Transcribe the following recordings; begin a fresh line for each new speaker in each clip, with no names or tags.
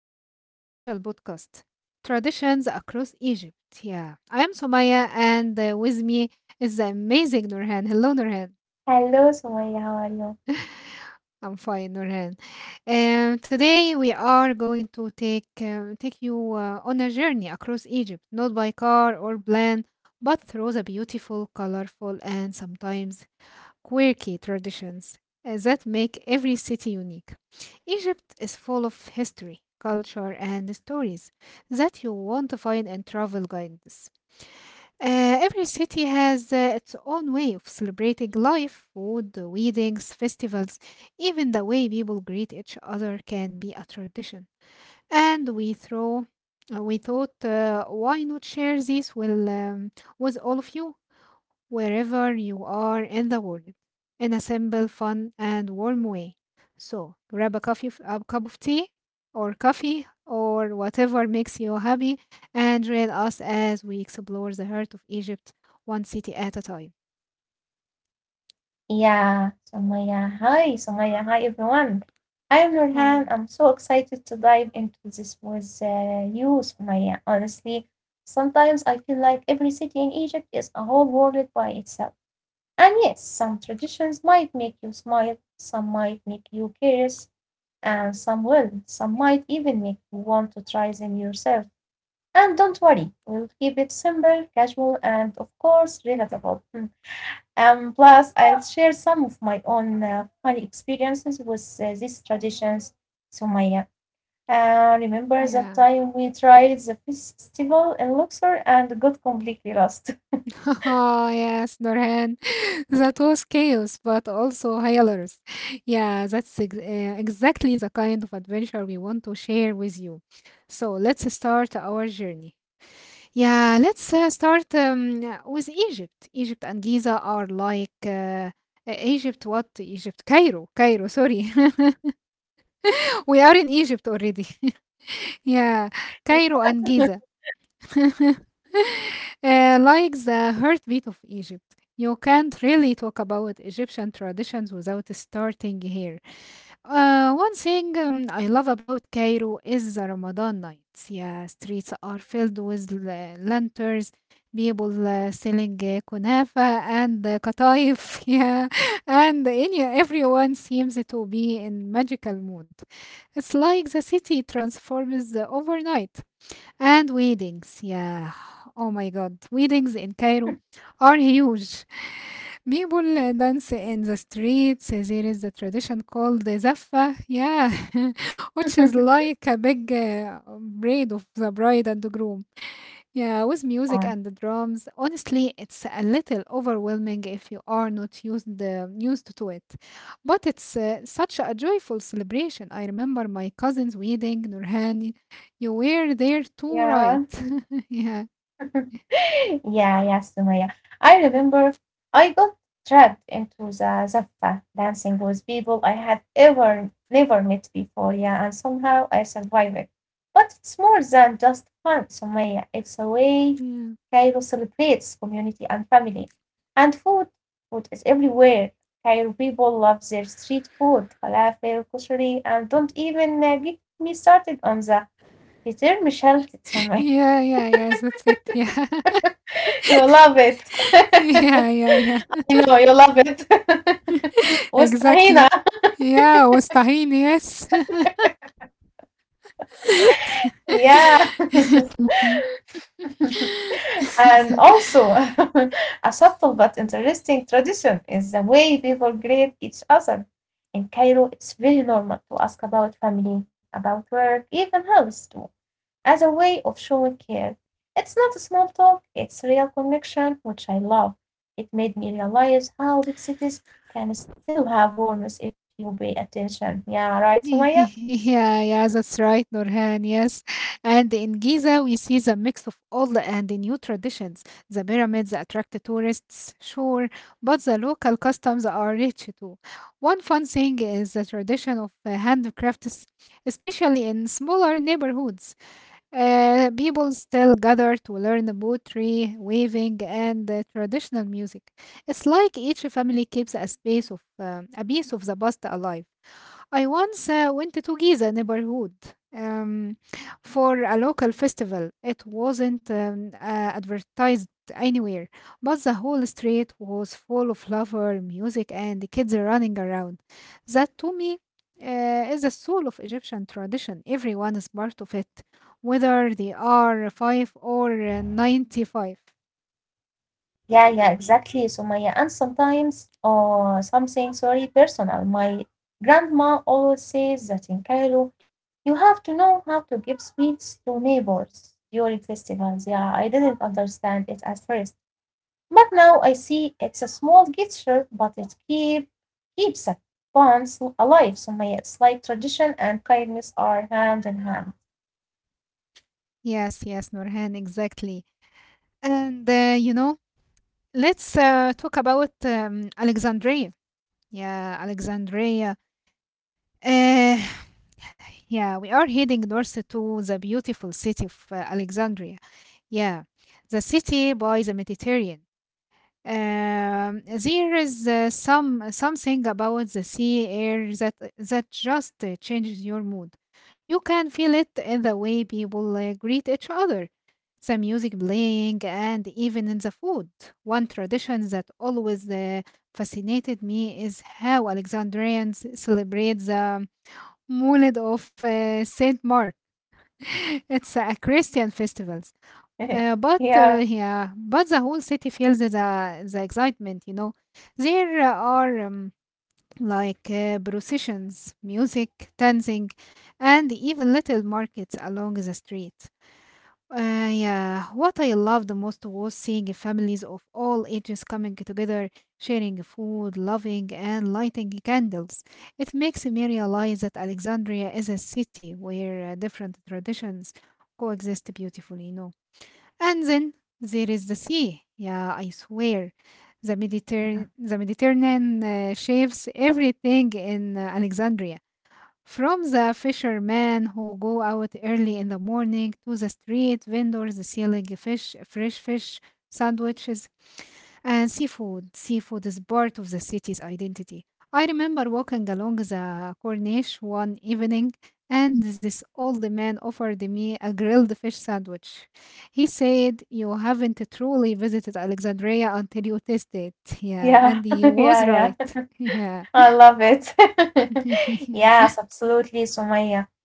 our very special podcast, Traditions Across Egypt. Yeah, I am Somaya, and with me is the amazing Nurhan. Hello, Nurhan.
Hello, Sumaya. How are you?
I'm fine, Nurhan. Today we are going to take you on a journey across Egypt, not by car or plane, but through the beautiful, colorful, and sometimes quirky traditions that make every city unique. Egypt is full of history, culture, and stories that you want to find in travel guides. Every city has its own way of celebrating life, food, weddings, festivals, even the way people greet each other can be a tradition. And we thought, why not share this with all of you? Wherever you are in the world, in a simple, fun, and warm way. So grab a coffee, a cup of tea, or coffee, or whatever makes you happy, and join us as we explore the heart of Egypt, one city at a time.
Yeah, Sumaya. Hi, Sumaya. Hi, everyone. I'm
Hi,
Nurhan. I'm
Nurhan.
so excited to dive into this with you, Sumaya. Honestly, sometimes I feel like every city in Egypt is a whole world by itself. And yes, some traditions might make you smile, some might make you curious, and some will. Some might even make you want to try them yourself. And don't worry, we'll keep it simple, casual, and of course, relatable. Plus, I'll share some of my own funny experiences with these traditions. So, Maya, remember that
Yeah.
time we tried the festival in Luxor and got completely lost?
Oh, yes, Nurhan. That was chaos, but also hilarious. Yeah, that's exactly the kind of adventure we want to share with you. So let's start our journey. Yeah, let's start with Egypt. Egypt and Giza are like Egypt, what? Egypt, Cairo, Cairo, sorry. We are in Egypt already. Yeah, Cairo and Giza. uh, like the heartbeat of Egypt. You can't really talk about Egyptian traditions without starting here. One thing I love about Cairo is the Ramadan nights. Yeah, streets are filled with lanterns, people selling kunafa and kataif. Yeah, and everyone seems to be in magical mood. It's like the city transforms overnight. And weddings, yeah. Oh my God, weddings in Cairo are huge. People dance in the streets. There is a tradition called the Zaffa, yeah, which is like a big braid of the bride and the groom. Yeah, with music
Uh,
and the drums, honestly, it's a little overwhelming if you are not used to it. But it's such a joyful celebration. I remember my cousin's wedding, Nurhani. You were there too,
yeah.
right? Yeah.
Yeah, Sumaya. I remember I got dragged into the Zaffa dancing with people I had ever never met before, yeah, and somehow I survived it. But it's more than just fun, Sumaya. It's a way
Yeah,
Cairo celebrates community and family. And food, food is everywhere. Cairo people love their street food, falafel, kushari, and don't even get me started on the Peter Michel Sumaya
yeah, yeah, yes, that's it. Yeah,
you love it.
yeah, yeah, yeah,
You know, you love it. Mustahina.
exactly. Yeah, was tahini, yes.
Yeah. And also, a subtle but interesting tradition is the way people greet each other. In Cairo, it's very normal to ask about family, about work, even health too, as a way of showing care. It's not a small talk, it's real connection, which I love. It made me realize how big cities can still have warmth if you pay attention. Yeah, right, Sumaya?
Yeah, yeah, that's right, Nurhan. Yes. And in Giza, we see the mix of old and new traditions. The pyramids attract the tourists, sure, but the local customs are rich too. One fun thing is the tradition of handicrafts, especially in smaller neighborhoods. People still gather to learn pottery, weaving, and traditional music. It's like each family keeps a space of a piece of the past alive. I once went to Giza neighborhood um, for a local festival. It wasn't advertised anywhere, but the whole street was full of lover, music, and the kids running around. That to me is the soul of Egyptian tradition. Everyone is part of it, whether they are five or 95.
Yeah, yeah, exactly, Sumaya. And sometimes, oh, something, sorry, personal. My grandma always says that in Cairo, you have to know how to give sweets to neighbors during festivals. Yeah, I didn't understand it at first. But now I see it's a small gesture, but it keeps the bonds alive, Sumaya. It's like tradition and kindness are hand in hand.
Yes, yes, Nurhan, exactly. And let's talk about Alexandria. Yeah, Alexandria. Uh, yeah, we are heading north to the beautiful city of Alexandria. Yeah, the city by the Mediterranean. There is something about the sea air that just changes your mood. You can feel it in the way people greet each other, the music playing, and even in the food. One tradition that always fascinated me is how Alexandrians celebrate the Moulid of Saint Mark. It's a Christian festival uh, but
Yeah,
uh, yeah, but the whole city feels the excitement, you know. There are processions, music, dancing, and even little markets along the street. Yeah, what I loved most was seeing families of all ages coming together, sharing food, loving, and lighting candles. It makes me realize that Alexandria is a city where different traditions coexist beautifully, you know. And then there is the sea. Yeah, I swear. The,
yeah,
Mediter- the Mediterranean shapes everything in Alexandria. From the fishermen who go out early in the morning to the street vendors selling fresh fish, sandwiches, and seafood. Seafood is part of the city's identity. I remember walking along the Corniche one evening, and this old man offered me a grilled fish sandwich. He said, "You haven't truly visited Alexandria until you taste it." Yeah,
yeah,
and he
yeah,
was
yeah.
right. Yeah.
I love it. Yes, absolutely, Sumaya.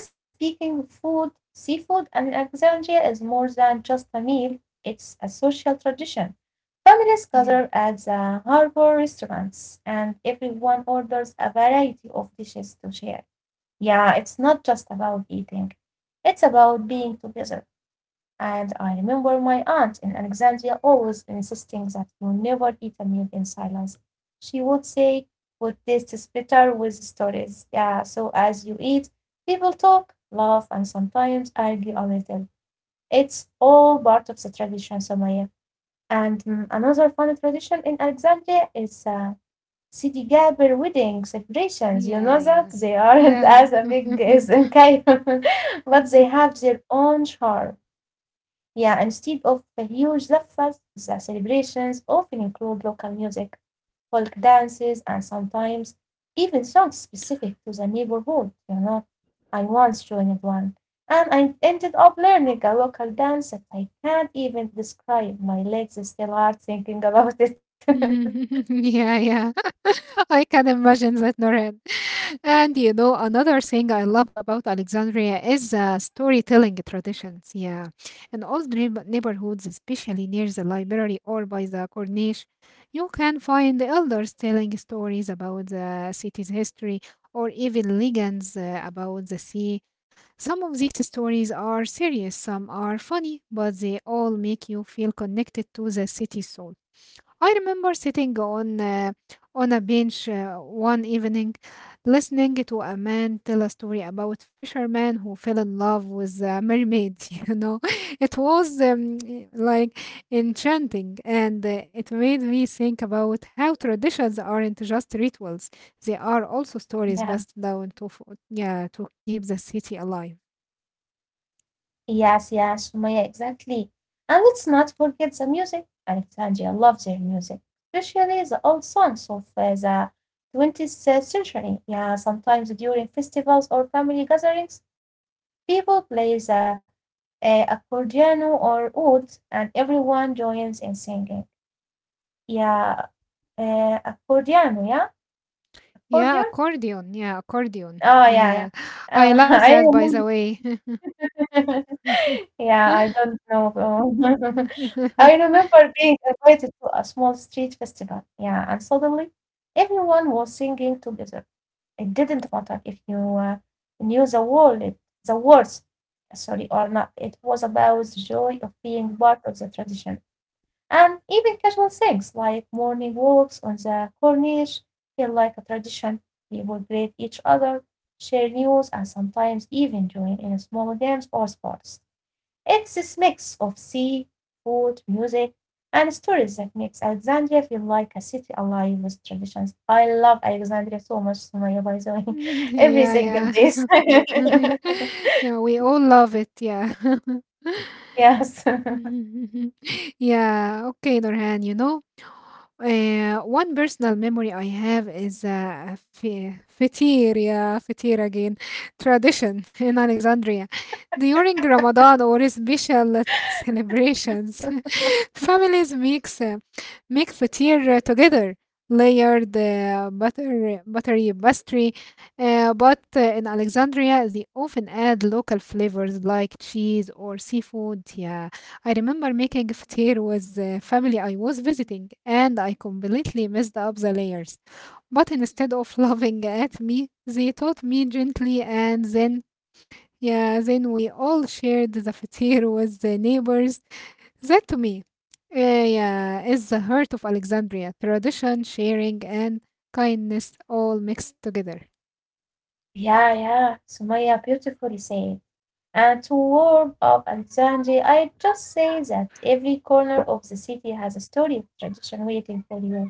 And speaking of food, seafood and Alexandria is more than just a meal, it's a social tradition. Families
yeah.
gather at the harbor restaurants and everyone orders a variety of dishes to share. Yeah, it's not just about eating, it's about being together. And I remember my aunt in Alexandria always insisting that you never eat a meal in silence. She would say, food tastes better with stories. Yeah, so as you eat, people talk, laugh, and sometimes argue a little. It's all part of the tradition, Somaya. And another fun tradition in Alexandria is Sidi Gaber wedding celebrations. You
Yeah.
know that
Yeah.
they aren't
Yeah.
as a
Yeah.
big as in Cairo, but they have their own charm. Yeah, instead of the huge zafas, the celebrations often include local music, folk dances, and sometimes even songs specific to the neighborhood, you know. I once joined one, and I ended up learning a local dance that I can't even describe. My legs still are thinking about it.
yeah. Yeah. I can imagine that, Noreen. And you know, another thing I love about Alexandria is storytelling traditions. Yeah. In old neighborhoods, especially near the library or by the Corniche, you can find the elders telling stories about the city's history or even legends about the sea. Some of these stories are serious, some are funny, but they all make you feel connected to the city's soul. I remember sitting on a bench one evening, listening to a man tell a story about fisherman who fell in love with a mermaid. You know, it was like enchanting, and it made me think about how traditions aren't just rituals; they are also
Yeah.
stories passed down, yeah, to keep the city alive.
Yes, yes, Sumaya, exactly. And let's not forget the music. Alexandria loves their music, especially the old songs of the 20th century. Yeah, sometimes during festivals or family gatherings, people play the accordion or oud, and everyone joins in singing. Yeah, uh, accordion, yeah,
Yeah,
accordion.
accordion. Yeah, accordion.
Oh, yeah, yeah.
Yeah. I love
I
that, by the
remember.
way.
Yeah, I don't know. I remember being invited to a small street festival. Yeah, and suddenly everyone was singing together. It didn't matter if you knew the words, sorry, or not. It was about the joy of being part of the tradition. And even casual things like morning walks on the corniche feel like a tradition. We would greet each other, share news, and sometimes even join in small games or sports. It's this mix of sea, food, music, and stories that makes Alexandria feel like a city alive with traditions. I love Alexandria so much, Sumaya, by the way. Every
Yeah,
single
yeah.
day.
Yeah, we all love it. Yeah.
Yes.
Yeah. Okay, Nurhan, you know, one personal memory I have is a fatir, yeah, fatir again, tradition in Alexandria. During Ramadan or special celebrations, families mix make the together, layer the butter, buttery pastry. But in Alexandria, they often add local flavors like cheese or seafood. Yeah, I remember making fatir with the family I was visiting, and I completely messed up the layers. But instead of laughing at me, they taught me gently, and then yeah, then we all shared the fatir with the neighbors. That to me yeah, is the heart of Alexandria tradition, sharing, and kindness all mixed together.
Yeah, yeah. Sumaya beautifully said. And to warm up Alexandria, I just say that every corner of the city has a story of tradition waiting for you.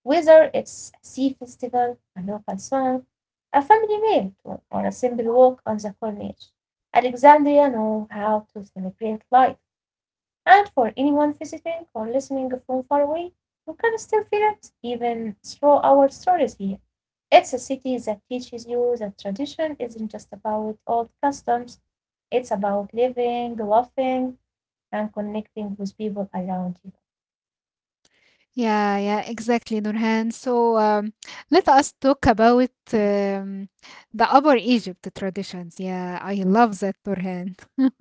Whether it's a sea festival, a local song, a family meal, or a simple walk on the Corniche. Alexandria knows how to celebrate life, and for anyone visiting or listening from far away, you can still feel it even through our stories here. It's a city that teaches you that tradition isn't just about old customs, it's about living, laughing, and connecting with people around you.
Yeah, yeah, exactly, Nurhan. So let us talk about the Upper Egypt traditions. Yeah, I love that, Nurhan.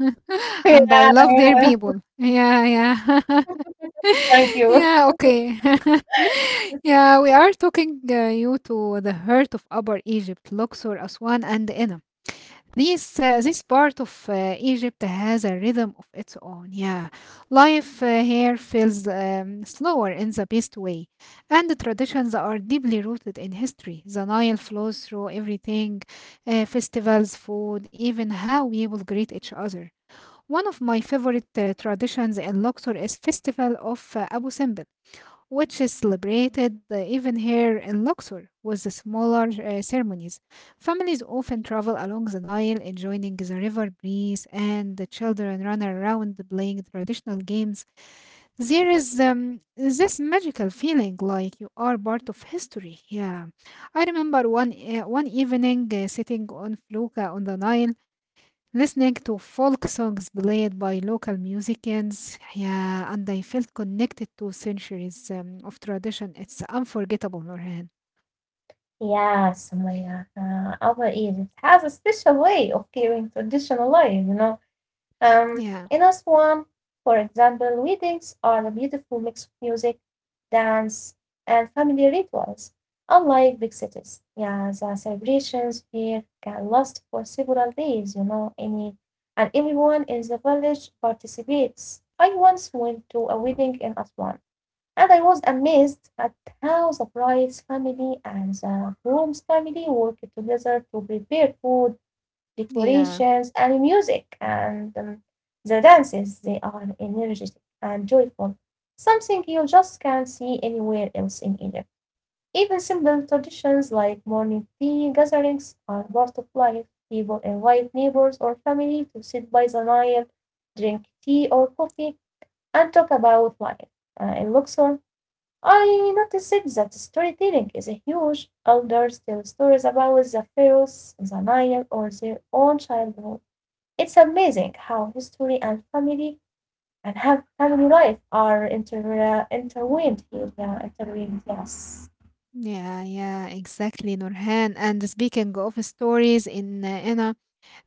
Yeah,
And I love
yeah,
their people. Yeah, yeah.
thank you.
yeah, okay. Yeah, we are talking you to the heart of Upper Egypt, Luxor, Aswan, and Inner. This part of Egypt has a rhythm of its own. Yeah, life here feels slower in the best way, and the traditions are deeply rooted in history. The Nile flows through everything, festivals, food, even how we will greet each other. One of my favorite traditions in Luxor is festival of Abu Simbel, which is celebrated even here in Luxor with the smaller ceremonies. Families often travel along the Nile, enjoying the river breeze, and the children run around playing traditional games. There is this magical feeling like you are part of history. Yeah, I remember one evening sitting on Fluka on the Nile, listening to folk songs played by local musicians, yeah, and I felt connected to centuries of tradition. It's unforgettable, Nurhan.
Yes, my Egypt has a special way of keeping tradition alive, you know. Um,
Yeah,
in Aswan, for example, weddings are a beautiful mix of music, dance, and family rituals, unlike big cities. Yeah, the celebrations here can last for several days, you know, and everyone in the village participates. I once went to a wedding in Aswan. And I was amazed at how the bride's family and the groom's family worked together to prepare food,
yeah,
decorations, and music, and the dances. They are energetic and joyful, something you just can't see anywhere else in Egypt. Even simple traditions like morning tea gatherings are part of life. People invite neighbors or family to sit by the Nile, drink tea or coffee, and talk about life. In Luxor, I noticed that storytelling is a huge. Elders tell stories about the pharaohs, the Nile, or their own childhood. It's amazing how history and family and have family life are intertwined here. Yeah, intertwined. Yes.
yeah, yeah, exactly, Nurhan. And speaking of stories in Inna,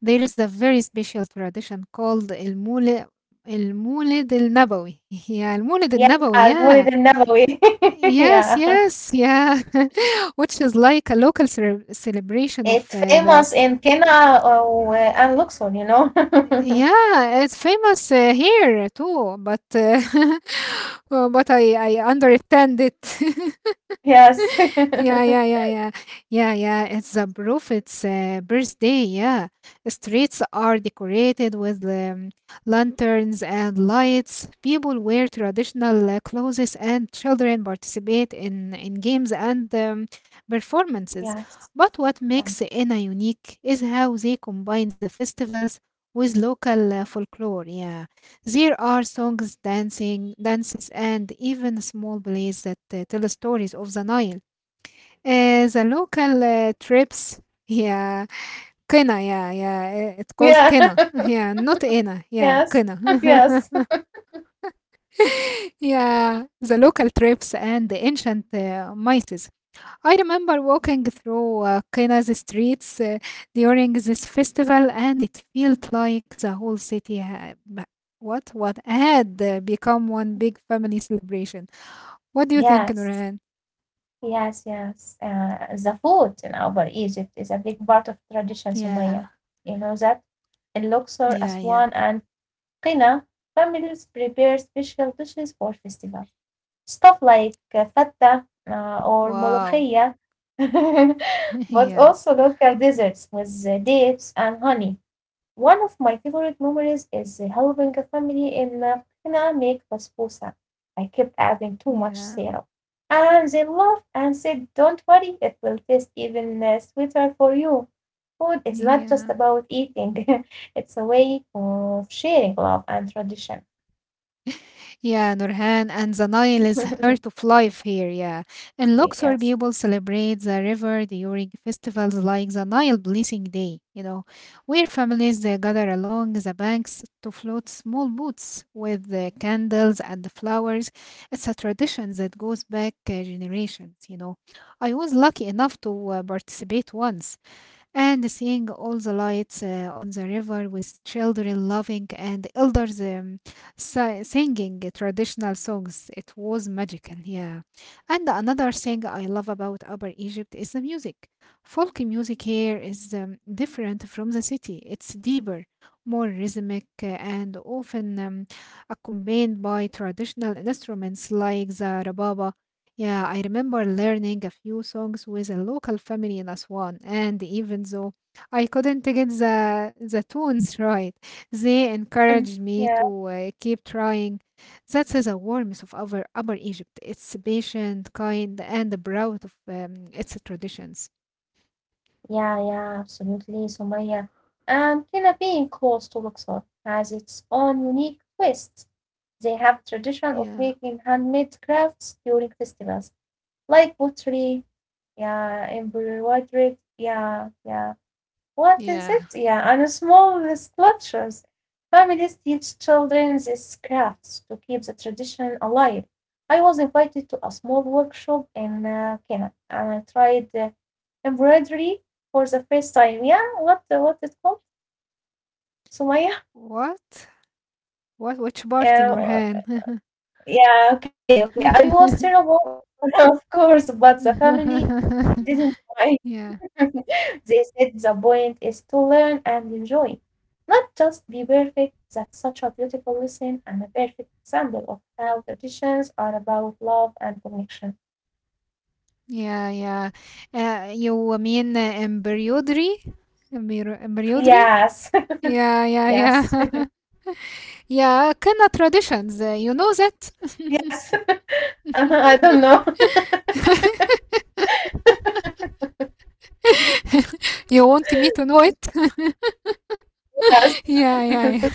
there is a very special tradition called El Mulid El Nabawi. Yeah, El Mulid El
Yeah,
Nabawi, yeah.
Al-Mulid al-Nabawi.
Yes,
Yeah,
yes, yeah. Which is like a local celebration of
it's
the.
famous in Kenya or, and
eh,
Luxor. You know.
Yeah, it's famous here too, but well, but I understand it.
Yes.
Yeah, yeah, yeah, yeah, yeah, yeah. It's the prophet's birthday. Yeah, streets are decorated with lanterns and lights. People wear traditional clothes, and children participate in games and performances.
Yes.
But what
Yeah.
makes Ena unique is how they combine the festivals with local folklore. Yeah, there are dancing, dances, and even small plays that tell stories of the Nile. The local trips, yeah, Kena, yeah, yeah, it's called Kena,
Yeah.
yeah, not Ena, yeah,
Yes.
Kena,
Yes.
yeah, the local trips and the ancient mices. I remember walking through Kena's streets during this festival, and it felt like the whole city had, what had become one big family celebration. What do you think,
Yes.
Nurhan?
Yes, yes. The food in Upper Egypt is a big part of tradition, Sumaya.
Yeah,
You know that in Luxor,
yeah, yeah,
Aswan, and Qina, families prepare special dishes for festivals. Stuff like fatta or
wow,
molokhia, but
yeah.
also local desserts with dates and honey. One of my favorite memories is helping a family in Hina make basbousa. I kept adding too much
Yeah,
syrup, and they laughed and said, "Don't worry, it will taste even sweeter for you. Food is not just
yeah,
about eating, it's a way of sharing love and tradition."
yeah, Nurhan, and the Nile is heart of life here, yeah. In Luxor,
Yes.
people celebrate the river during festivals like the Nile Blessing Day, you know, where families they gather along the banks to float small boats with the candles and the flowers. It's a tradition that goes back generations, you know. I was lucky enough to participate once. And seeing all the lights on the river with children laughing and elders singing traditional songs. It was magical, yeah. And another thing I love about Upper Egypt is the music. Folk music here is different from the city. It's deeper, more rhythmic, and often accompanied by traditional instruments like the rababa. Yeah, I remember learning a few songs with a local family in Aswan, and even though I couldn't get the tunes right. They
Mm.
encouraged me
Yeah.
to keep trying. That's the warmth of our Upper Egypt. It's patient, kind, and proud of its traditions.
Yeah, yeah, absolutely. Somalia and Kenya being close to Luxor has its own unique twist. They have tradition of
Yeah,
making handmade crafts during festivals, like pottery, yeah, embroidery, yeah, yeah. What is
yeah.
it? Yeah, on small sculptures. Families teach children these crafts to keep the tradition alive. I was invited to a small workshop in Kenya and I tried embroidery for the first time. Yeah, what it called? Sumaya?
What? What? Which part,
Uh,
Nurhan?
yeah, okay, okay. I was terrible, of course, but the family didn't
Yeah.
They said the point is to learn and enjoy, not just be perfect. That's such a beautiful lesson and a perfect example of how traditions are about love and connection.
Yeah, yeah. You mean embroidery? Embroidery?
Yes,
Yeah, yeah,
yes.
yeah. Yeah, Kana traditions. You know that?
Yes. Uh-huh, I don't know.
You want me to know it?
Yes.
Yeah, yeah.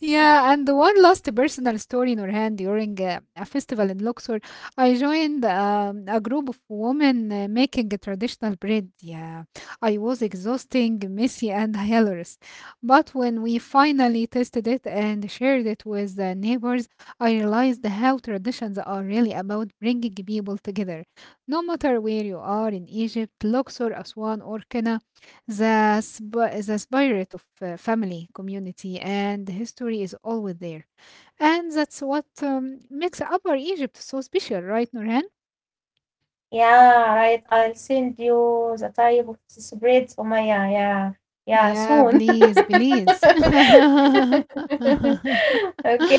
Yeah, and one last personal story, Nurhan, during a festival in Luxor, I joined a group of women making a traditional bread. Yeah, I was exhausting, messy, and hilarious. But when we finally tested it and shared it with the neighbors, I realized how traditions are really about bringing people together. No matter where you are in Egypt, Luxor, Aswan, or Kenya, the spirit of family, community, and history is always there. And that's what makes Upper Egypt so special, right, Nurhan?
Yeah, right. I'll send you the type of this bread for my yeah, yeah, yeah,
Yeah,
soon.
please, please.
Okay.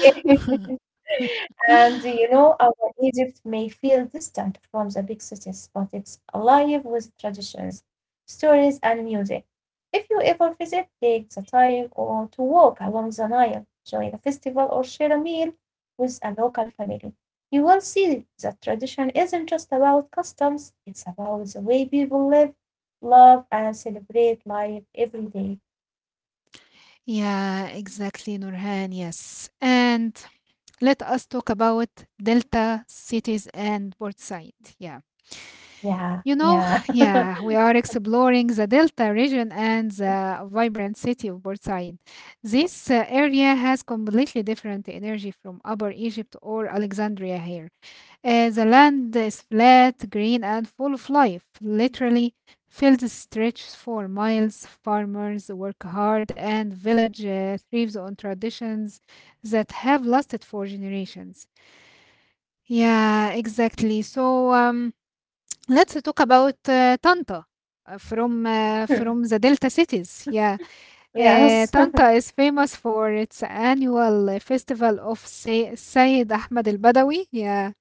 And you know, our Egypt may feel distant from the big cities, but it's alive with traditions, stories, and music. If you ever visit, take the time or to walk along the Nile, join a festival, or share a meal with a local family. You will see that tradition isn't just about customs, it's about the way people live, love, and celebrate life every day.
Yeah, exactly, Nurhan. Yes. And let us talk about Delta cities and Port Side. Yeah.
Yeah,
You know,
yeah.
yeah, we are exploring the Delta region and the vibrant city of Port Said. This area has completely different energy from Upper Egypt or Alexandria here. The land is flat, green, and full of life. Literally, fields stretch for miles, farmers work hard, and village thrives on traditions that have lasted for generations. Yeah, exactly. Um, Let's talk about Tanta from the Delta cities. Yeah,
Yes,
Tanta is famous for its annual festival of Sayyid Ahmed Al Badawi. Yeah,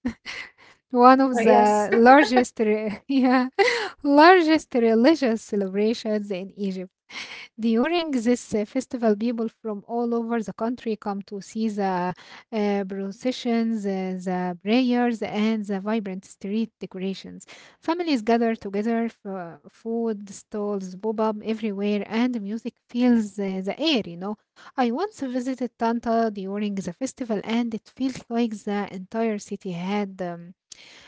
one of the
yes.
largest yeah, largest religious celebrations in Egypt. During this festival, people from all over the country come to see the processions, the prayers, and the vibrant street decorations. Families gather together for food stalls pop up everywhere, and music fills the air. I once visited Tanta during the festival, and it felt like the entire city had. Um,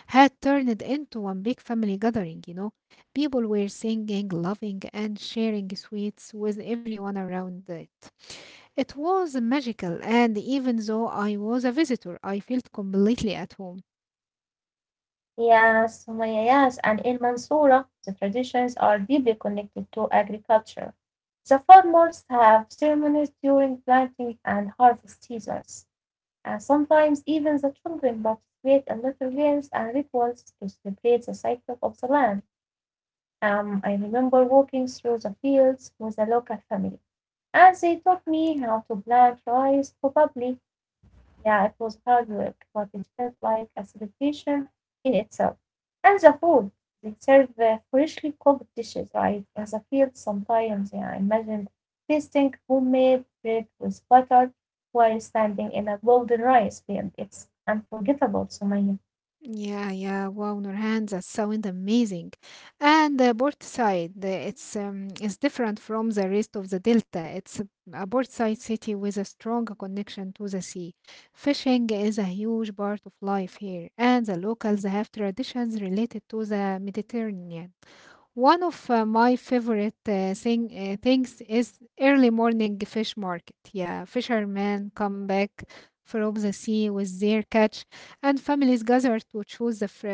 had turned into one big family gathering. People were singing, laughing, and sharing sweets with everyone around it. It was magical, and even though I was a visitor, I felt completely at home.
Yes, Sumaya, yes. And in Mansoura, the traditions are deeply connected to agriculture. The farmers have ceremonies during planting and harvest seasons, and sometimes even the children participate in little games and rituals to celebrate the cycle of the land. I remember walking through the fields with a local family, and they taught me how to plant rice properly yeah, it was hard work, but it felt like a celebration in itself. And the food, they serve freshly cooked dishes right as a field sometimes. Yeah, I imagine tasting homemade bread with butter while standing in a golden rice field. It's unforgettable, Sumaya.
Yeah, yeah. Wow, Nurhan, that sounds amazing. And the port side, it's different from the rest of the delta. It's a port side city with a strong connection to the sea. Fishing is a huge part of life here, and the locals have traditions related to the Mediterranean. One of my favorite things is early morning fish market. Yeah, fishermen come back from the sea with their catch, and families gather to choose the fr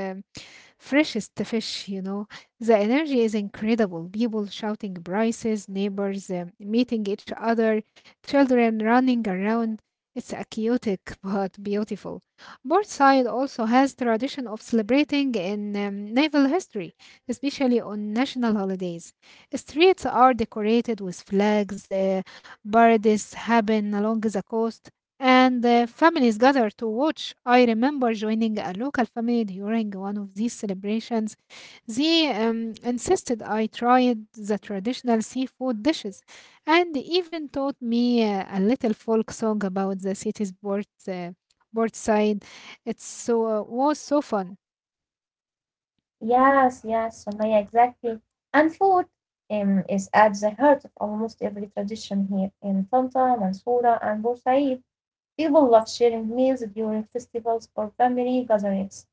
freshest fish. The energy is incredible. People shouting prices, neighbors meeting each other, children running around. It's a chaotic but beautiful. Portside also has tradition of celebrating in naval history, especially on national holidays. Streets are decorated with flags. Parades happen along the coast and the families gather to watch. I remember joining a local family during one of these celebrations. They insisted I tried the traditional seafood dishes and even taught me a little folk song about the city's port side. It was so fun.
Yes, yes, Sumaya, exactly. And food is at the heart of almost every tradition here in Tanta, Mansoura, and Bursaid. People love sharing meals during festivals or family gatherings,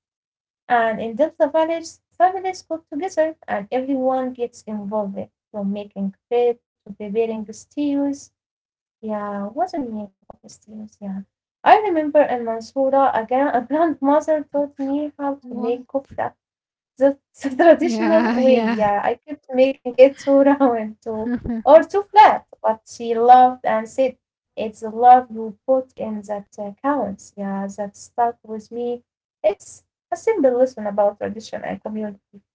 and in Delta Village, families cook together and everyone gets involved from making bread to preparing the stews. Yeah, what's the meaning of stews? Yeah. I remember in Mansoura, a grandmother taught me how to make
What?
kofta. That's the traditional
Yeah,
way.
yeah.
Yeah, I kept making it too round too, or too flat, but she laughed and said, It's the love you put in that counts. Yeah, that stuck with me. It's a simple lesson about tradition and community.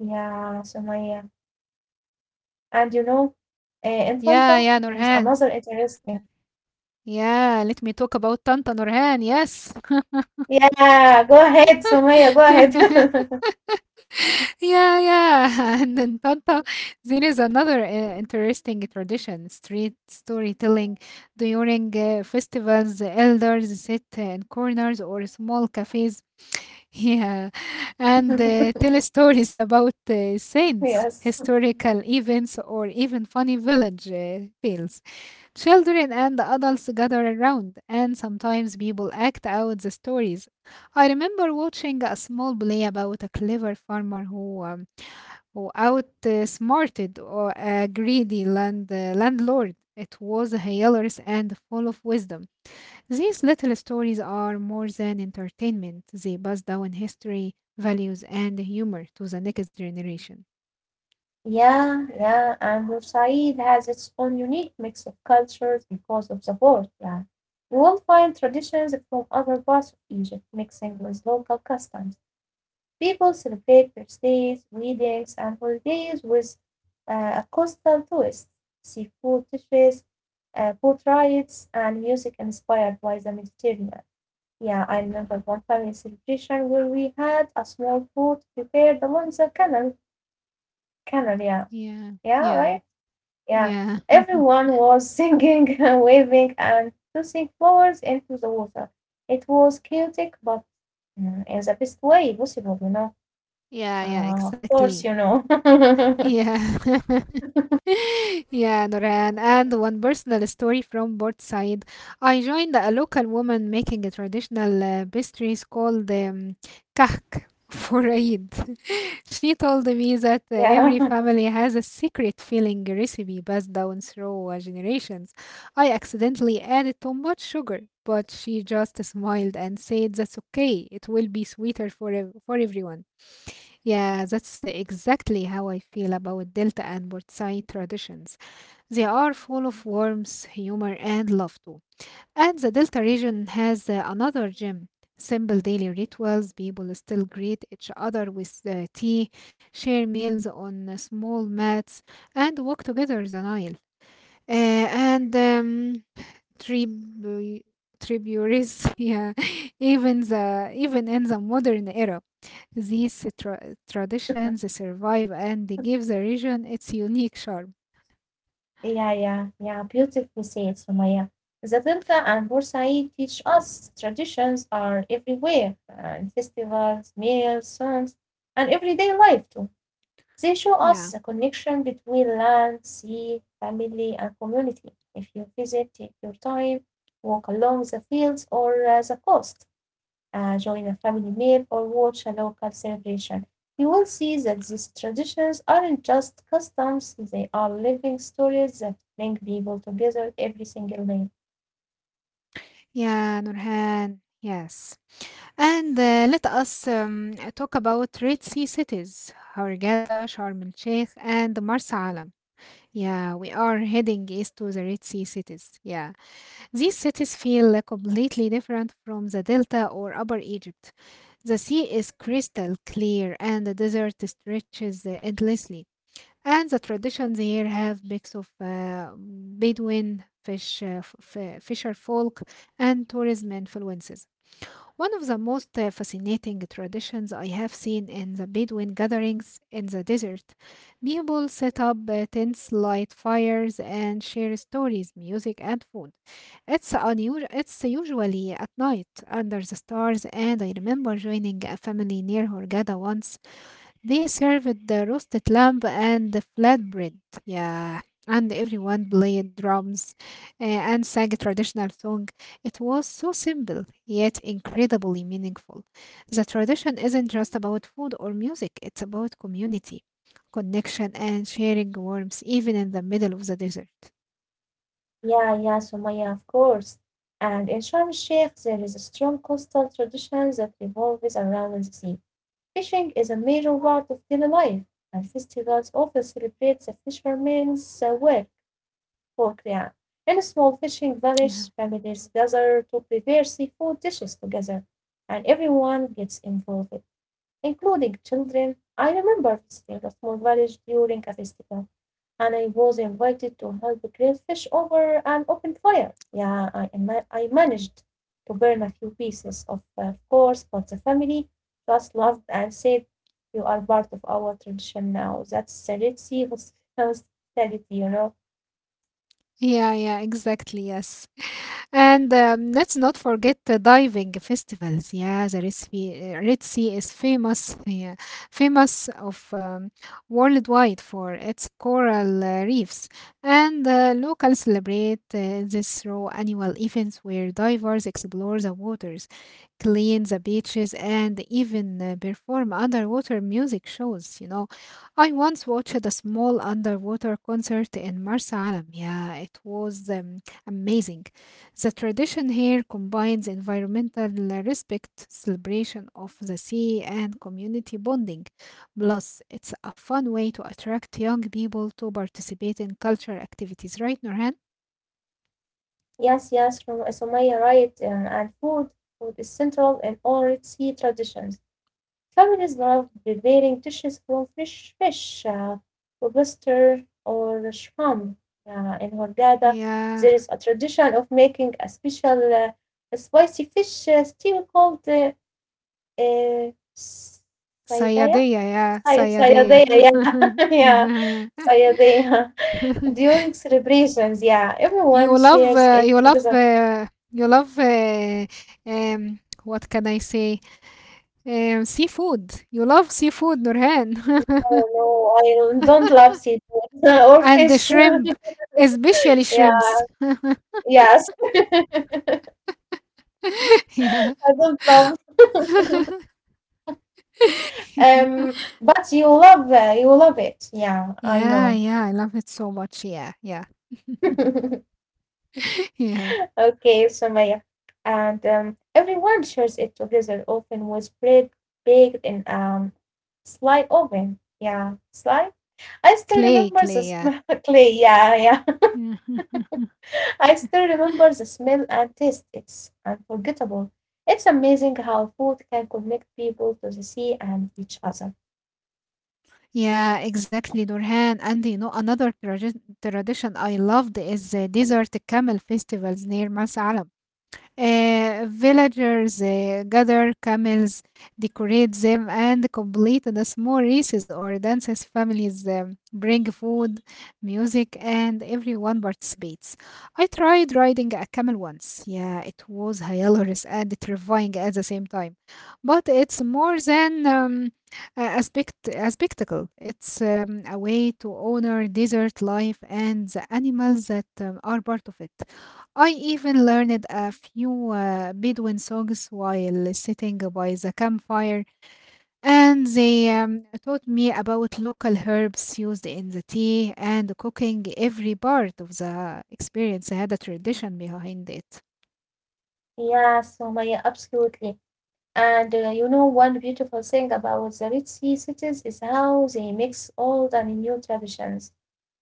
Yeah, Sumaya. And in
Yeah,
Fanta,
yeah,
there's
Nurhan.
another interesting.
Yeah, let me talk about Tanta, Nurhan. Yes.
Yeah, go ahead, Sumaya, go ahead.
Yeah, yeah. And in Tanta, there is another interesting tradition street storytelling during festivals. Elders sit in corners or small cafes. Yeah. And tell stories about saints,
Yes.
historical events, or even funny village tales. Children and adults gather around, and sometimes people act out the stories. I remember watching a small play about a clever farmer who outsmarted or a greedy landlord. It was hilarious and full of wisdom. These little stories are more than entertainment; they pass down history, values, and humor to the next generation.
Yeah, yeah, and Bursaid has its own unique mix of cultures because of the port, yeah. You will find traditions from other parts of Egypt mixing with local customs. People celebrate birthdays, weddings, and holidays with a coastal twist, seafood dishes, boat rides, and music inspired by the Mediterranean. Yeah, I remember one family celebration where we had a small boat prepared along the canal, yeah,
Yeah,
yeah,
yeah,
right? Yeah,
yeah,
everyone was singing and waving and tossing flowers into the water. It was chaotic but, in the best way possible, you know.
yeah, yeah,
Of course, you
exactly.
know.
Yeah. Yeah, Noran. And one personal story from both side. I joined a local woman making a traditional pastries called kahk for Eid. She told me that
Yeah.
every family has a secret filling recipe passed down through generations. I accidentally added too much sugar, but she just smiled and said, "That's okay. It will be sweeter for for everyone." Yeah, that's exactly how I feel about Delta and Port traditions. They are full of warmth, humor, and love too. And the Delta region has another gem. Simple daily rituals, people still greet each other with tea, share meals on small mats, and walk together the Nile. And tribu- tributaries. Yeah, even in the modern era, these traditions survive and they give the region its unique charm.
Yeah, yeah, yeah. Beautifully said, Sumaya. The Delta and Bursaid teach us traditions are everywhere, in festivals, meals, songs, and everyday life too. They show us
Yeah,
the connection between land, sea, family, and community. If you visit, take your time, walk along the fields or the coast, join a family meal, or watch a local celebration. You will see that these traditions aren't just customs, they are living stories that bring people together every single day.
yeah, Nurhan. Yes, and let us talk about Red Sea cities: Hurghada, Sharm el Sheikh, and Marsa Alam. Yeah, we are heading east to the Red Sea cities. Yeah, these cities feel like completely different from the Delta or Upper Egypt. The sea is crystal clear and the desert stretches endlessly. And the traditions here have mix of Bedouin, fisher folk, and tourism influences. One of the most fascinating traditions I have seen in the Bedouin gatherings in the desert. People set up tents, light fires, and share stories, music, and food. It's unusual. It's usually at night under the stars, and I remember joining a family near Hurghada once they served the roasted lamb and the flatbread. Yeah. And everyone played drums and sang a traditional song. It was so simple, yet incredibly meaningful. The tradition isn't just about food or music, it's about community, connection, and sharing warmth, even in the middle of the desert.
Yeah, yeah, Sumaya, of course. And in Sharm el Sheikh, there is a strong coastal tradition that revolves around the sea. Fishing is a major part of daily life, and festivals often celebrate the fishermen's work (poultry). In a small fishing
Yeah.
village, families gather to prepare seafood dishes together, and everyone gets involved, including children. I remember visiting a small village during a festival, and I was invited to help grill fish over an open fire. Yeah, I managed to burn a few pieces, of course, but the family just laughed and said, "You are part of our tradition now." That's the Red Sea hospitality, you know.
Yeah, yeah, exactly. Yes. And let's not forget the diving festivals. Yeah, the Red Sea is famous, yeah, famous of worldwide for its coral reefs, and locals celebrate this through annual events where divers explore the waters, clean the beaches, and even perform underwater music shows. You know, I once watched a small underwater concert in Marsa Alam. Yeah, it was amazing. The tradition here combines environmental respect, celebration of the sea, and community bonding. Plus, it's a fun way to attract young people to participate in cultural activities, right, Nurhan?
Yes, yes, Sumaya, right. And Food is central in all Red Sea traditions. Families love preparing dishes from fish, lobster, or shrimp. In Hurghada, there is
Yeah,
a tradition of making a special spicy fish stew called saydaya.
Sayadeya, yeah,
Say-
Sayadeya.
Sayadaya, yeah, yeah,
Yeah,
sayadaya.
yeah.
During celebrations, yeah, everyone
you
shares
love,
it
uh, you love,
together.
uh, you love. What can I say? Seafood. You love seafood, Nurhan.
No, no, I don't love seafood or
And the
fish.
shrimp, especially
Yeah,
shrimps.
yes,
Yeah.
I don't love. But you love it. Yeah, I
Yeah,
know.
yeah, I love it so much. Yeah, yeah, yeah.
Okay, Sumaya. And everyone shares it together, often with bread baked in sly oven. Yeah, sly. I still
Clay,
remember the
clay, yeah.
smell. Clay. Yeah, yeah.
Mhm.
I still remember the smell and taste. It's unforgettable. It's amazing how food can connect people to the sea and each other.
Yeah, exactly, Nurhan. And you know, another tradition I loved is the Desert Camel Festivals near Mas. Villagers gather camels, decorate them, and complete the small races or dances. Families bring food, music, and everyone participates. I tried riding a camel once. Yeah, it was hilarious and terrifying at the same time. But it's more than a spectacle. It's a way to honor desert life and the animals that are part of it. I even learned a few Bedouin songs while sitting by the campfire, and they taught me about local herbs used in the tea and cooking. Every part of the experience had a tradition behind it.
Yeah, Sumaya, absolutely. And one beautiful thing about the Red Sea cities is how they mix old and new traditions.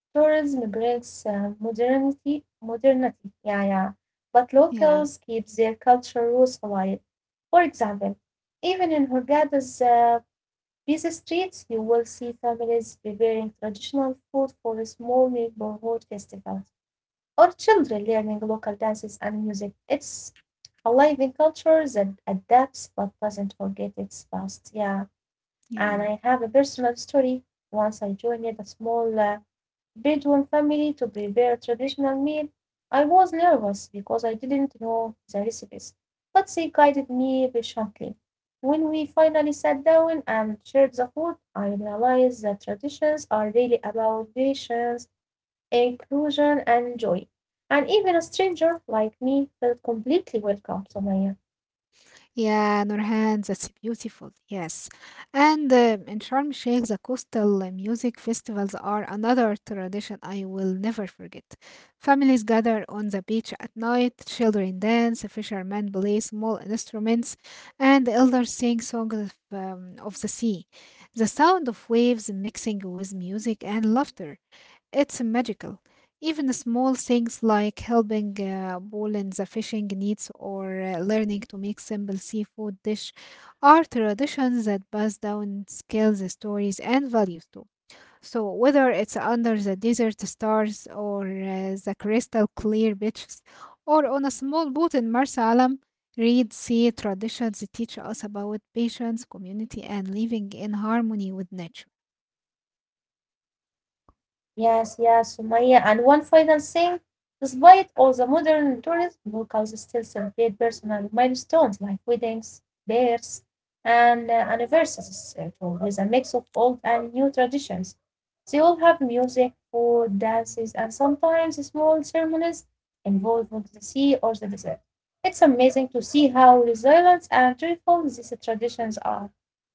Tourism brings modernity, yeah, yeah. But
Yeah,
locals keep their cultural roots alive. For example, even in Hurghada's busy streets, you will see families preparing traditional food for small neighborhood festivals, or children learning local dances and music. It's alive in culture that adapts but doesn't forget its past. Yeah, and
yeah.
I have a personal story. Once I joined a small Bedouin family to prepare traditional meal. I was nervous because I didn't know the recipes, but they guided me patiently. When we finally sat down and shared the food, I realized that traditions are really about patience, inclusion, and joy. And even a stranger like me felt completely welcome, Somaya.
Yeah, Nurhan, that's beautiful. Yes. And in Sharm el-Sheikh, the coastal music festivals are another tradition I will never forget. Families gather on the beach at night, children dance, fishermen play small instruments, and elders sing songs of the sea. The sound of waves mixing with music and laughter. It's magical. Even small things like helping Paul in the fishing needs or learning to make simple seafood dish are traditions that pass down skills, stories, and values too. So whether it's under the desert stars or the crystal clear beaches or on a small boat in Marsa Alam, read sea traditions teach us about patience, community, and living in harmony with nature.
Yes, yes, Sumaya. And one final thing, despite all the modern tourism, locals still celebrate personal milestones like weddings, births, and anniversaries, too, with a mix of old and new traditions. They all have music, food, dances, and sometimes small ceremonies involving the sea or the desert. It's amazing to see how resilient and joyful these traditions are.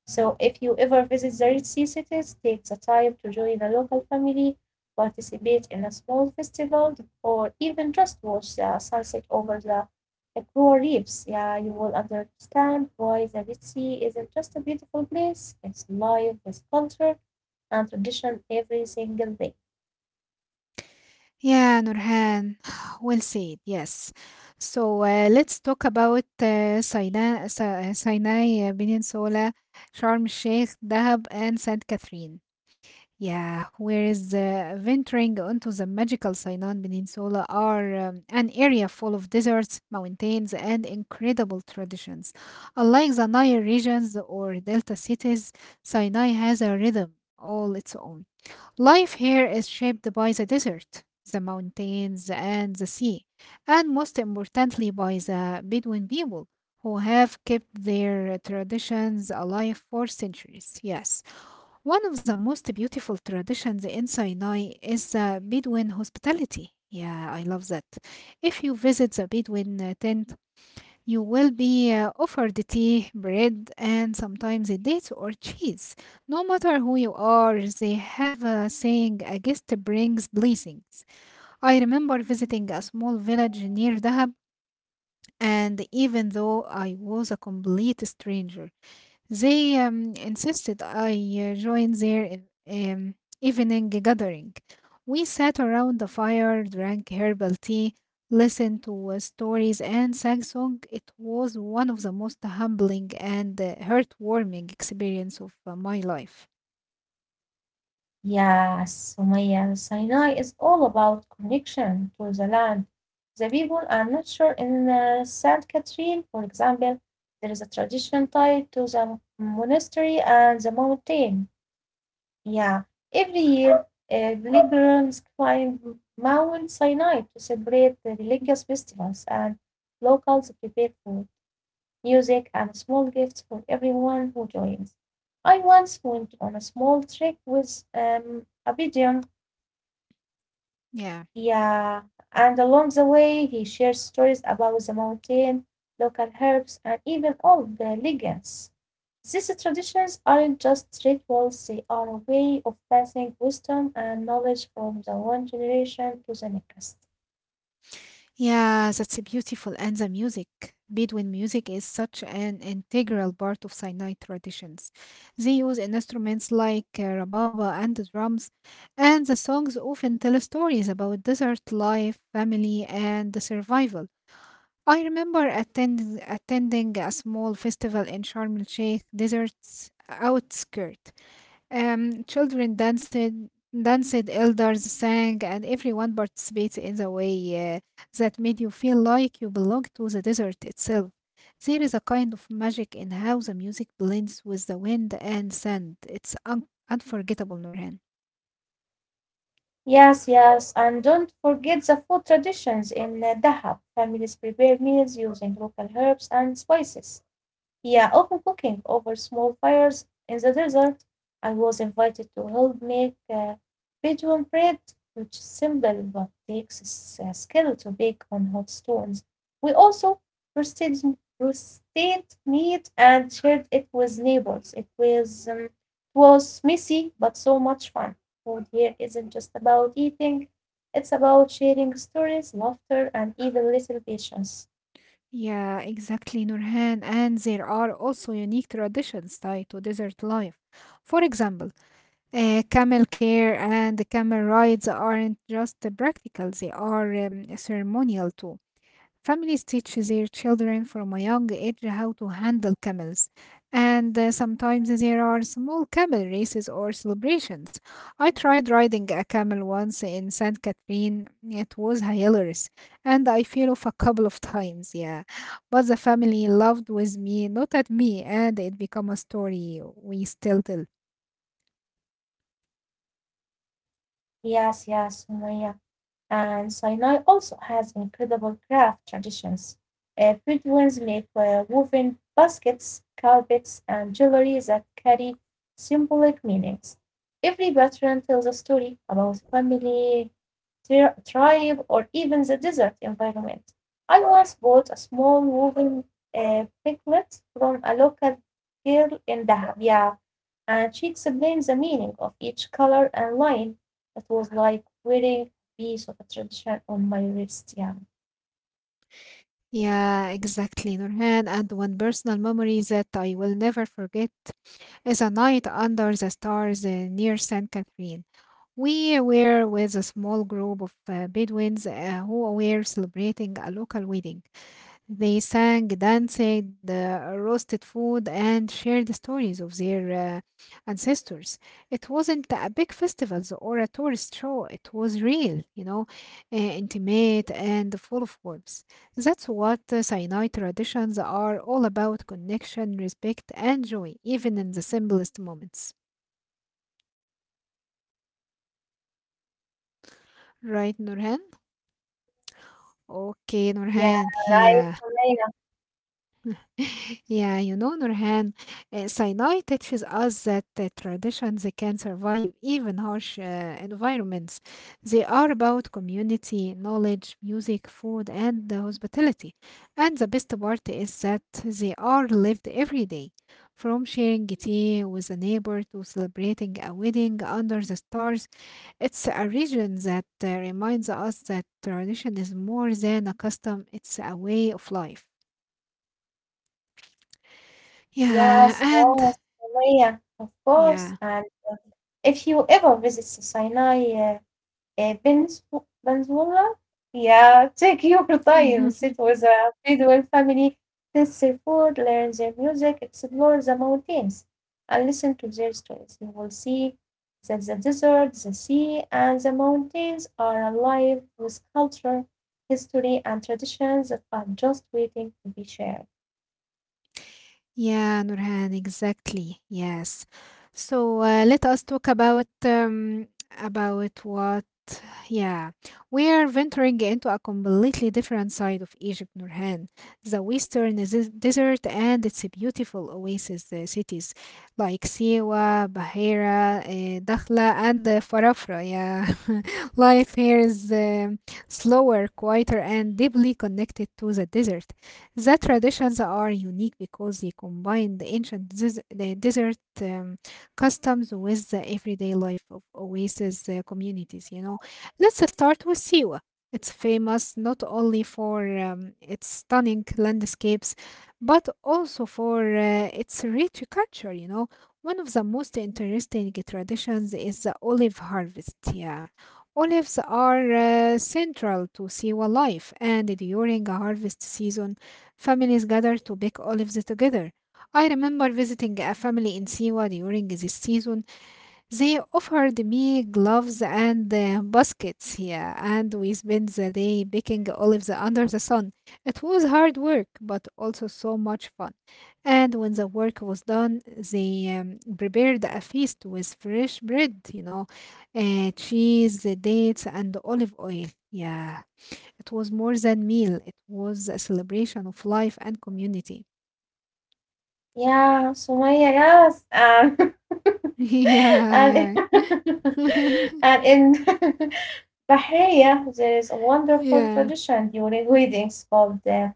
So if you ever visit the Red Sea cities, take the time to join a local family, participate in a small festival, or even just watch the sunset over the coral reefs. Yeah, you will understand why the Red Sea isn't just a beautiful place, it's alive with culture and tradition every single day.
Yeah, Nurhan. Well said. Yes. So let's talk about Sinai, Sinai Peninsula, Sharm el Sheikh, Dahab, and Saint Catherine. Yeah, whereas venturing onto the magical Sinai Peninsula are an area full of deserts, mountains, and incredible traditions. Unlike the Nile regions or delta cities, Sinai has a rhythm all its own. Life here is shaped by the desert, the mountains, and the sea, and most importantly by the Bedouin people who have kept their traditions alive for centuries. Yes. One of the most beautiful traditions in Sinai is the Bedouin hospitality. Yeah, I love that. If you visit the Bedouin tent, you will be offered tea, bread, and sometimes a date or cheese. No matter who you are, they have a saying a guest brings blessings. I remember visiting a small village near Dahab, and even though I was a complete stranger, they insisted I join their e- um, evening gathering. We sat around the fire, drank herbal tea, listened to stories, and sang song. It was one of the most humbling and heartwarming experience of my life.
Yes, Sumaya, Sinai is all about connection to the land, the people. I'm not sure. In Saint Catherine, for example, there is a tradition tied to the monastery and the mountain. Yeah, every year pilgrims climb Mount Sinai to celebrate the religious festivals, and locals prepare food, music, and small gifts for everyone who joins. I once went on a small trek with a pigeon.
Yeah.
Yeah, and along the way, he shares stories about the mountain, local herbs, and even old legends. These traditions aren't just rituals, they are a way of passing wisdom and knowledge from the one generation to the next.
Yeah, that's beautiful. And the music, Bedouin music, is such an integral part of Sinai traditions. They use instruments like rababa and drums, and the songs often tell stories about desert life, family, and the survival. I remember attending a small festival in Sharm el Sheikh desert's outskirt, children danced, danced, elders sang, and everyone participated in the way that made you feel like you belonged to the desert itself. There is a kind of magic in how the music blends with the wind and sand. It's unforgettable, Nurhan.
Yes, yes, and don't forget the food traditions in Dahab. Families prepare meals using local herbs and spices. Yeah, often cooking over small fires in the desert. I was invited to help make Bedouin bread, which is simple but takes skill to bake on hot stones. We also roasted, roasted meat and shared it with neighbors. It was messy but so much fun. Food here isn't just about eating, it's about sharing stories, laughter, and even little patience.
Yeah, exactly, Nurhan. And there are also unique traditions tied to desert life. For example, camel care and camel rides aren't just practical, they are ceremonial too. Families teach their children from a young age how to handle camels, and sometimes there are small camel races or celebrations. I tried riding a camel once in St. Catherine, it was hilarious, and I fell off a couple of times, yeah. But the family laughed with me, not at me, and it became a story we still tell.
Yes, yes, Sumaya. And Sinai also has incredible craft traditions. Bedouins make woven baskets, carpets, and jewelry that carry symbolic meanings. Every pattern tells a story about family, tribe, or even the desert environment. I once bought a small woven piglet from a local girl in Dahab. Yeah, and she explained the meaning of each color and line. It was like wearing a piece of a tradition on my wrist. Yeah.
Yeah, exactly, Nurhan, and one personal memory that I will never forget is a night under the stars near Saint Catherine. We were with a small group of Bedouins who were celebrating a local wedding. They sang, danced, roasted food, and shared stories of their uh, ancestors. It wasn't a big festival or a tourist show. It was real, you know, intimate and full of warmth. That's what Sinai traditions are all about connection, respect, and joy, even in the simplest moments. Right, Nurhan? Okay,
Yeah,
Nurhan.
right,
Yeah.
Sumaya.
Yeah, you know, Nurhan, Sinai teaches us that traditions they can survive even harsh environments. They are about community, knowledge, music, food, and hospitality. And the best part is that they are lived every day, from sharing tea with a neighbor to celebrating a wedding under the stars. It's a region that reminds us that tradition is more than a custom, it's a way of life.
Yes,
Yeah, and
yes, Sumaya, of course.
Yeah.
And uh, if you ever visit the Sinai, آآ بنسو بنزونا, yeah, take your time, sit with a Bedouin family, taste their food, learn their music, explore the mountains, and listen to their stories. You will see that the desert, the sea, and the mountains are alive with culture, history, and traditions that are just waiting to be shared.
Yeah, Nurhan, exactly. Yes. So let us talk about what, yeah, we are venturing into a completely different side of Egypt, Nurhan. The western desert and its beautiful oasis cities like Siwa, Bahira, Dakhla, and Farafra. Yeah, life here is slower, quieter, and deeply connected to the desert. The traditions are unique because they combine the ancient the desert um, customs with the everyday life of oasis communities. You know, let's start with Siwa. It's famous not only for its stunning landscapes, but also for its rich culture. You know, one of the most interesting traditions is the olive harvest. Yeah. Olives are central to Siwa life, and during a harvest season, families gather to pick olives together. I remember visiting a family in Siwa during this season. They offered me gloves and baskets here, and we spent the day picking olives under the sun. It was hard work, but also so much fun. And when the work was done, they prepared a feast with fresh bread, you know, cheese, dates, and olive oil. Yeah. It was more than meal, it was a celebration of life and community.
Yeah, Sumaya, yes.
Yeah,
And
yeah.
and in Bahria, there is a wonderful
yeah.
tradition during weddings called the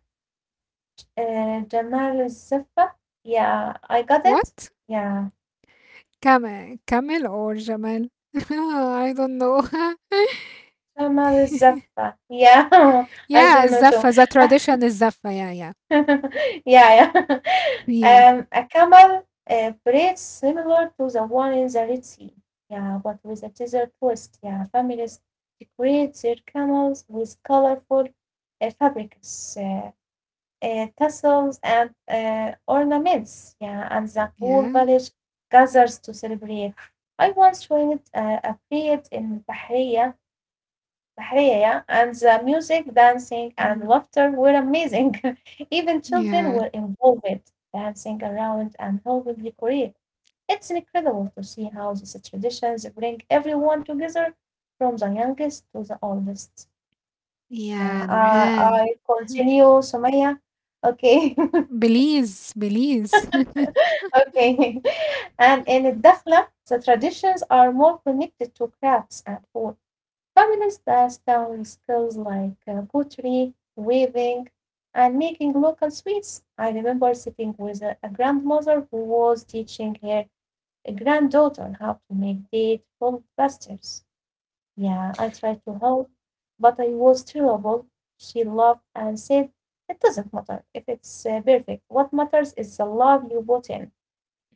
Jamal al Zaffa. Yeah, I got it.
What?
Yeah,
Camel, camel or Jamal? I don't know.
Jamal al Zaffa. Yeah, I don't know
yeah,
too.
Zaffa. The tradition is Zaffa. Yeah, yeah.
yeah, yeah.
Yeah.
A camel braid similar to the one in the Red Sea. Yeah, but with a teaser twist. Yeah, families decorate their camels with colorful fabrics. Tassels, and ornaments. Yeah, and the whole
Yeah.
village gathers to celebrate. I once joined a parade in Bahriya, yeah, and the music, dancing,
Yeah.
and laughter were amazing. Even
Yeah.
children were involved, dancing around and helping decorate. It's incredible to see how these traditions bring everyone together, from the youngest to the oldest.
Yeah,
Yeah,
Nurhan.
I continue, Sumaya. Okay.
Belize, Belize.
Okay. And in الدخلة, the traditions are more connected to crafts and food. Families pass down skills like pottery, weaving, and making local sweets. I remember sitting with a grandmother who was teaching her a granddaughter how to make date full pastures. Yeah, I tried to help, but I was terrible. She laughed and said, "It doesn't matter if it's perfect. What matters is the love you put in."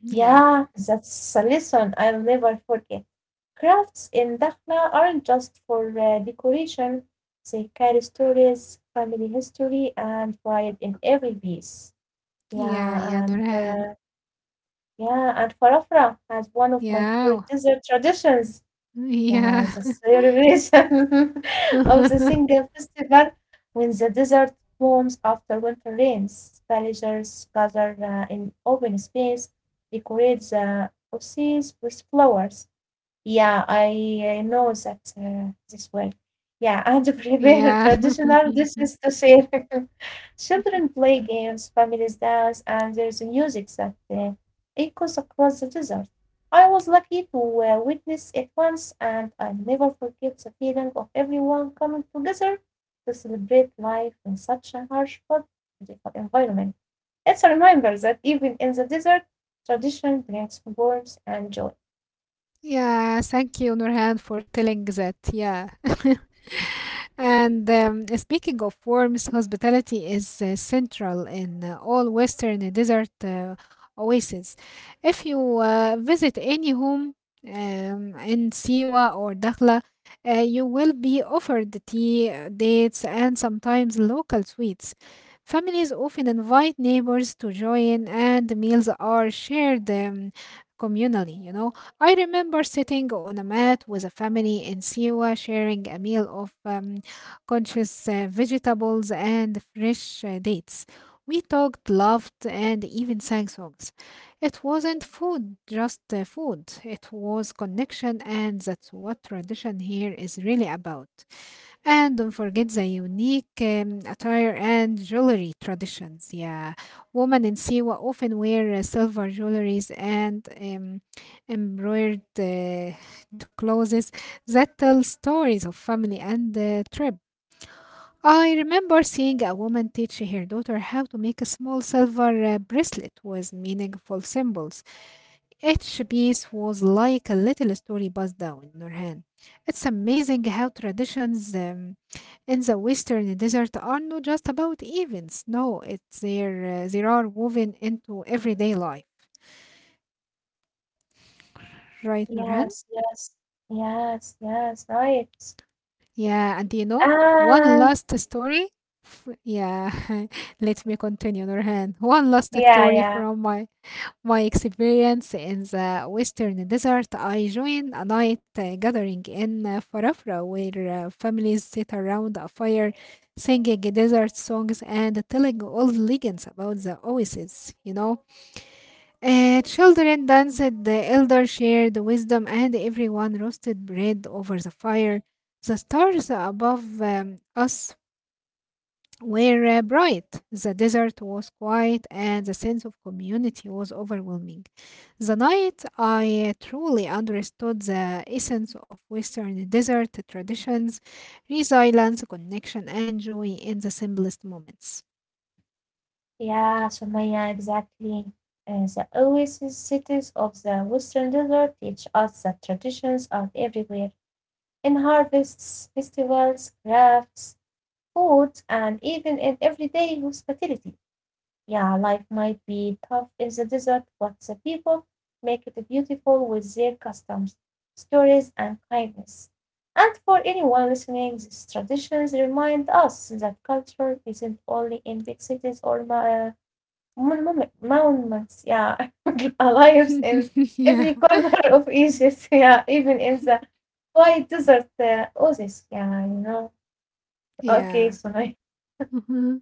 yeah.
Yeah, that's a lesson I'll never forget. Crafts in Dakhla aren't just for decoration, they carry stories, family history, and pride in every piece.
Yeah, yeah,
Yeah, and
Nurhan.
yeah, and Farafra has one of my
Yeah.
favorite dessert traditions. Yeah,
Yeah.
the celebration of the single festival when the desert warms after winter rains. Villagers gather in open space, decorate the oases with flowers, yeah, I know that this well. Yeah, and prepare
yeah.
traditional dishes to share. Children play games, families dance, and there's music that echoes across the desert. I was lucky to witness it once, and I never forget the feeling of everyone coming together to celebrate life in such a harsh but beautiful environment. It's a reminder that even in the desert, tradition brings warmth and joy.
Yeah, thank you, Nurhan, for telling that. Yeah. And speaking of worms, hospitality is central in all Western desert oases. If you visit any home in Siwa or Dakhla, you will be offered tea, dates, and sometimes local sweets. Families often invite neighbors to join, and the meals are shared communally, you know. I remember sitting on a mat with a family in Siwa sharing a meal of conscious vegetables and fresh dates. We talked, laughed, and even sang songs. It wasn't food, just food. It was connection, and that's what tradition here is really about. And don't forget the unique attire and jewelry traditions. Yeah, women in Siwa often wear silver jewelries and embroidered clothes that tell stories of family and trip. I remember seeing a woman teach her daughter how to make a small silver bracelet with meaningful symbols. Each piece was like a little story passed down, Nurhan. It's amazing how traditions in the western desert are not just about events. No, it's there. They are woven into everyday life, right, Nurhan?
Yes, yes. Yes, yes, right.
Yeah, and you know, one
Um,
last story. Yeah, let me continue, Nurhan. One last
yeah,
story
yeah.
from my my experience in the western desert, I joined a night gathering in Farafra where families sit around a fire singing desert songs and telling old legends about the oases, you know. Children danced, the elders shared wisdom, and everyone roasted bread over the fire. The stars above us were bright. The desert was quiet, and the sense of community was overwhelming. The night I truly understood the essence of Western desert traditions, resilience, connection, and joy in the simplest moments.
Yeah, Sumaya, exactly. The oasis cities of the Western Desert teach us that traditions are everywhere, in harvests, festivals, crafts, food, and even in everyday hospitality. Yeah, life might be tough in the desert, but the people make it beautiful with their customs, stories, and kindness. And for anyone listening, these traditions remind us that culture isn't only in big cities or monuments, yeah, lives in
yeah,
every corner of Egypt, yeah, even in the quiet desert oasis, yeah. Okay,
yeah.
Sumaya.
Mhm.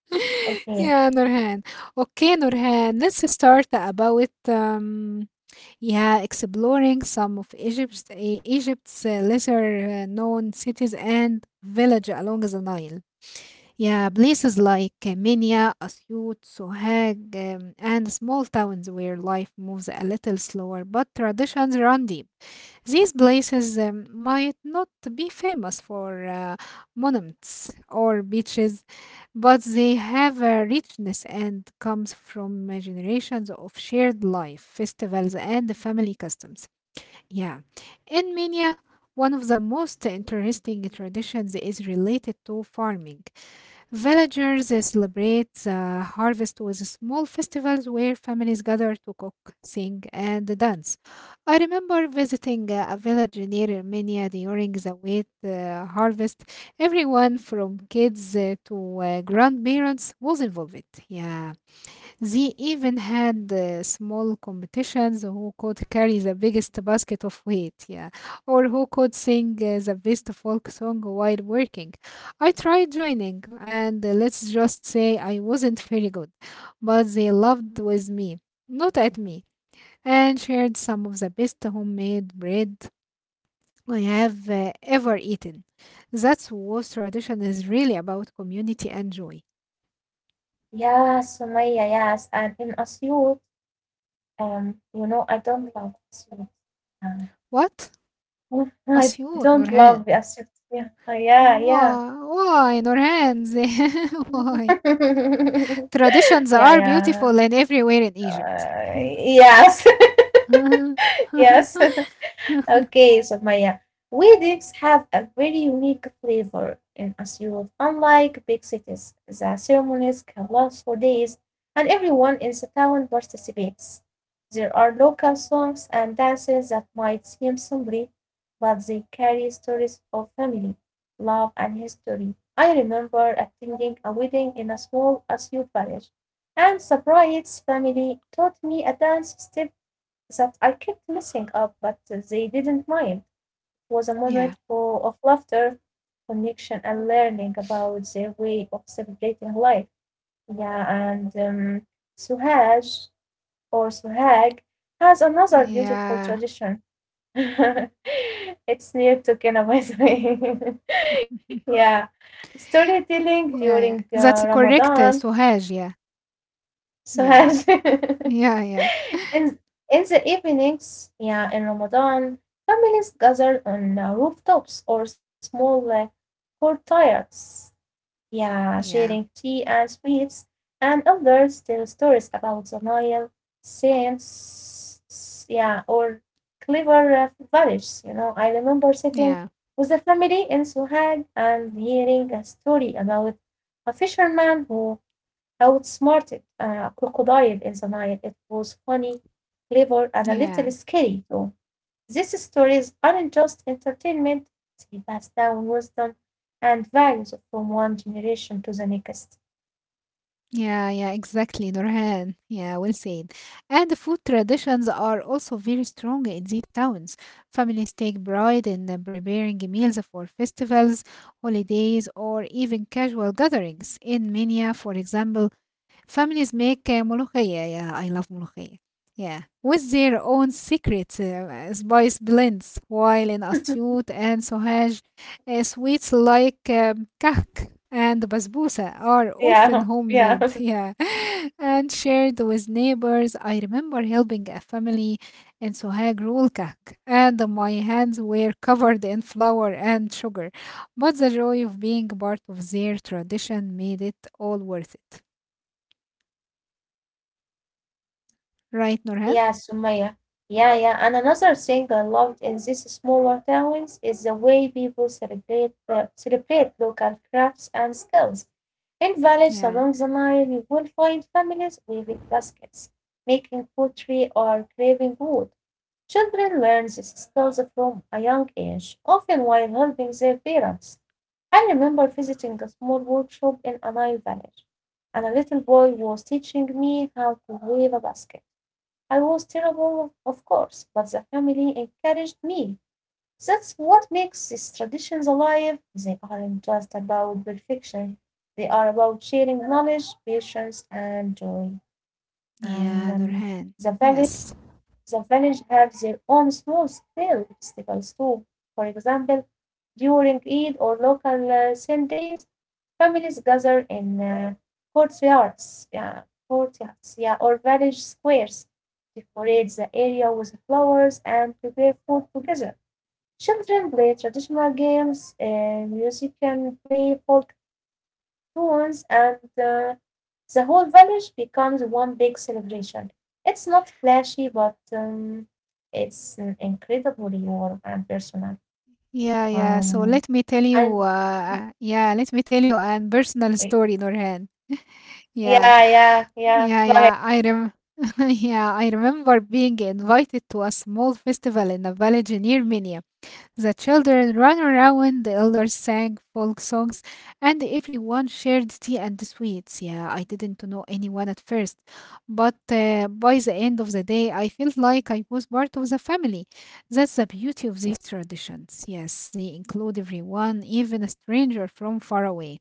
Okay.
yeah, Nurhan. Okay, Nurhan, let's start about yeah, exploring some of Egypt's lesser known cities and village along the Nile. Yeah, places like Minya, Asyut, Sohag, and small towns where life moves a little slower, but traditions run deep. These places might not be famous for monuments or beaches, but they have a richness and comes from generations of shared life, festivals, and family customs. Yeah. In Mania, one of the most interesting traditions is related to farming. Villagers celebrate the harvest with small festivals where families gather to cook, sing, and dance. I remember visiting a village near Armenia during the wheat harvest. Everyone from kids to grandparents was involved. Yeah. They even had small competitions who could carry the biggest basket of weight, yeah, or who could sing the best folk song while working. I tried joining, and let's just say I wasn't very good, but they loved with me, not at me, and shared some of the best homemade bread I have ever eaten. That's what tradition is really about community and joy.
Yeah, Sumaya, yes, and in Asyut. I don't love sweet. Um,
What?
I
Asiyut,
don't
Nurhan.
love acid. Yeah, yeah, yeah.
Why? Why, Nurhanzi? Why?
yeah,
Traditions are
yeah.
beautiful and everywhere in Egypt.
Uh, yes, yes. Okay, Sumaya. Weddings have a very unique flavor in Asyut. Unlike big cities, the ceremonies can last for days and everyone in the town participates. There are local songs and dances that might seem simple, but they carry stories of family, love, and history. I remember attending a wedding in a small Asyut village, and the bride's family taught me a dance step that I kept messing up, but they didn't mind. It was a
yeah.
moment of laughter, connection, and learning about their way of celebrating life. Yeah, and Suhaj or Suhag has another beautiful
Yeah.
tradition. It's near to Kenya, by the way. Yeah, storytelling during
yeah, yeah. That's
Ramadan.
correct, Suhaj. Yeah. Yeah,
Suhaj.
yeah. Yeah, yeah.
in, in the evenings, yeah, in Ramadan, families gather on rooftops or small courtyards, yeah, sharing tea and sweets, and elders tell stories about the Nile, saints, yeah, or clever villages. You know, I remember
Yeah.
sitting
Yeah.
with a family in Suhag and hearing a story about a fisherman who how it a crocodile in the Nile. It was funny, clever, and a little
Yeah.
scary too. These stories aren't just entertainment, they pass down wisdom and values from one generation to the next.
Yeah, yeah, exactly, Nurhan. Yeah, well said. And the food traditions are also very strong in these towns. Families take pride in preparing meals for festivals, holidays, or even casual gatherings. In Minya, for example, families make molokhaya. Yeah, yeah, I love molokhaya. Yeah, yeah, with their own secret spice blends, while in Asyut and Sohaj, sweets like kahk and basbousa are
Yeah,
often homemade.
yeah.
Yeah, and shared with neighbors. I remember helping a family in Sohag roll kahk, and my hands were covered in flour and sugar, but the joy of being part of their tradition made it all worth it. Right, Nurhan?
Yeah, Sumaya. Yeah, yeah. And another thing I loved in these smaller towns is the way people celebrate celebrate local crafts and skills. In villages
Yeah.
along the Nile, you will find families weaving baskets, making pottery, or carving wood. Children learn these skills from a young age, often while helping their parents. I remember visiting a small workshop in a Nile village, and a little boy was teaching me how to weave a basket. I was terrible, of course, but the family encouraged me. That's what makes these traditions alive. They aren't just about perfection, they are about sharing knowledge, patience, and joy, and
Yeah,
um,
Nurhan.
the value
Yes.
the village have their own small scale festivals too. For example, during Eid or local sale days, families gather in courtyards, yeah, courtyards, yeah, or village squares, decorate the area with flowers and prepare food together. Children play traditional games, musicians play folk tunes, and the whole village becomes one big celebration. It's not flashy, but it's incredibly warm and personal.
Yeah, yeah. So
Um,
let me tell you,
and
yeah, let me tell you an personal
Wait.
story, Nurhan. Yeah,
Yeah, yeah, yeah.
yeah,
Go ahead.
yeah. I rem yeah, I remember being invited to a small festival in a village near Minya. The children ran around, the elders sang folk songs, and everyone shared tea and sweets. Yeah, I didn't know anyone at first, but by the end of the day, I felt like I was part of the family. That's the beauty of these traditions. Yes, they include everyone, even a stranger from far away.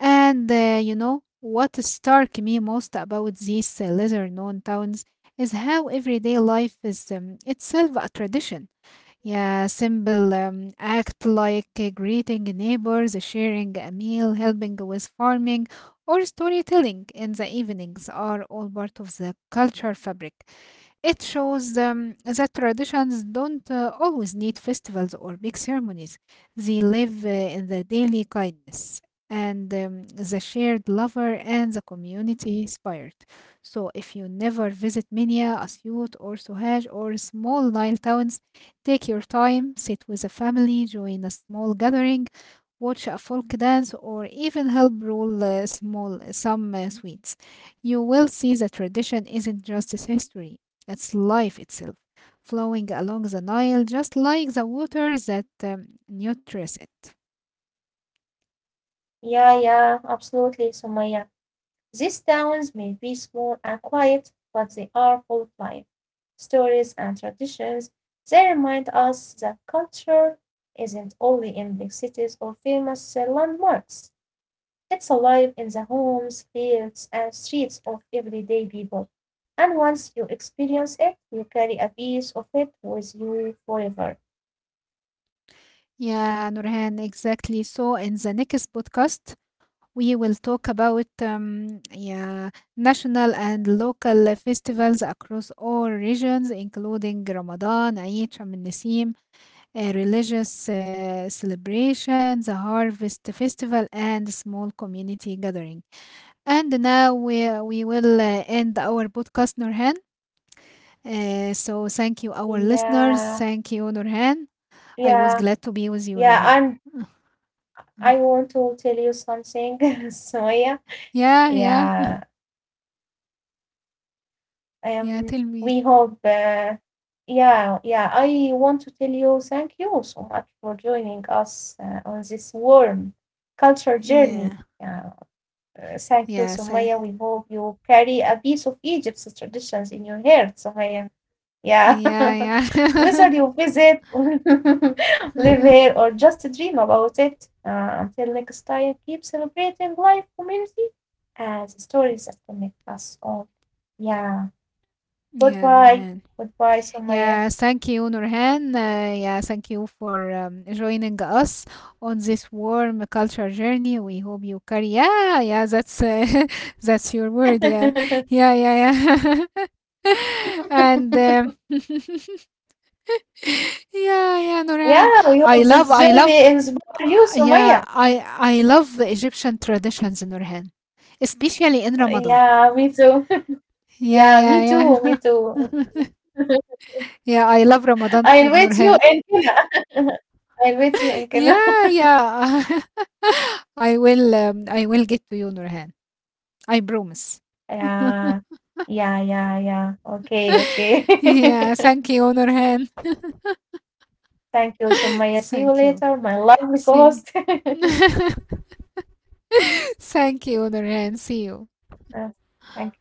And you know what struck me most about these lesser known towns is how everyday life is itself a tradition. Yeah, simple act like greeting neighbors, sharing a meal, helping with farming, or storytelling in the evenings are all part of the cultural fabric. It shows that traditions don't always need festivals or big ceremonies. They live in the daily kindness and the shared lover and the community spirit. So, if you never visit Minya, Asyut, or Suhaj, or small Nile towns, take your time, sit with a family, join a small gathering, watch a folk dance, or even help roll small some sweets. You will see that tradition isn't just history; that's life itself, flowing along the Nile just like the water that nurtures it.
Yeah, yeah, absolutely, Sumaya. These towns may be small and quiet, but they are full of life, stories, and traditions. They remind us that culture isn't only in big cities or famous landmarks. It's alive in the homes, fields, and streets of everyday people, and once you experience it, you carry a piece of it with you forever.
Yeah, Nurhan, exactly. So in the next podcast, we will talk about yeah, national and local festivals across all regions, including Ramadan, Eid, Sham al-Nassim, religious celebrations, the harvest festival, and small community gathering. And now we will end our podcast, Nurhan. So thank you, our listeners.
Yeah,
Thank you, Nurhan. I was
yeah,
glad to be with you,
yeah.
Nurhan.
And I want to tell you something, so yeah,
Yeah, yeah,
Yeah,
yeah.
um,
Tell
we
me.
hope, yeah, yeah. I want to tell you thank you so much for joining us on this warm culture journey.
Yeah,
Yeah. Thank you,
yeah, say,
Sumaya. We hope you carry a piece of Egypt's traditions in your heart, Sumaya. Yeah.
yeah,
Whether
yeah.
you visit, live here, or just dream about it. Until next time, keep celebrating life, community, and the stories that connect us all. Yeah.
Yeah,
Goodbye.
Nurhan.
Goodbye, Sumaya.
Yeah, thank you, Nurhan. Yeah, thank you for joining us on this warm culture journey. We hope you carry. Yeah, yeah, that's that's your word. Yeah, yeah, yeah, yeah. and yeah, yeah, Nurhan.
Yeah, we hope this
I love,
journey inspires you,
yeah,
Sumaya.
I love the Egyptian traditions, Nurhan, especially in Ramadan.
Yeah, me too.
Yeah,
Yeah, me
yeah,
too. Me too.
yeah. yeah, I love Ramadan
I
food,
invite you
Nurhan.
in Kenya. I invite you in Kenya.
Yeah, yeah. I will get to you, Nurhan. I promise.
Yeah. Yeah, yeah, yeah. Okay, okay.
Yeah, thank you, Nurhan.
Thank you, Sumaya. See you
Thank you.
later, my lovely
See.
co-host.
thank you, Nurhan. See you.
Uh, Thank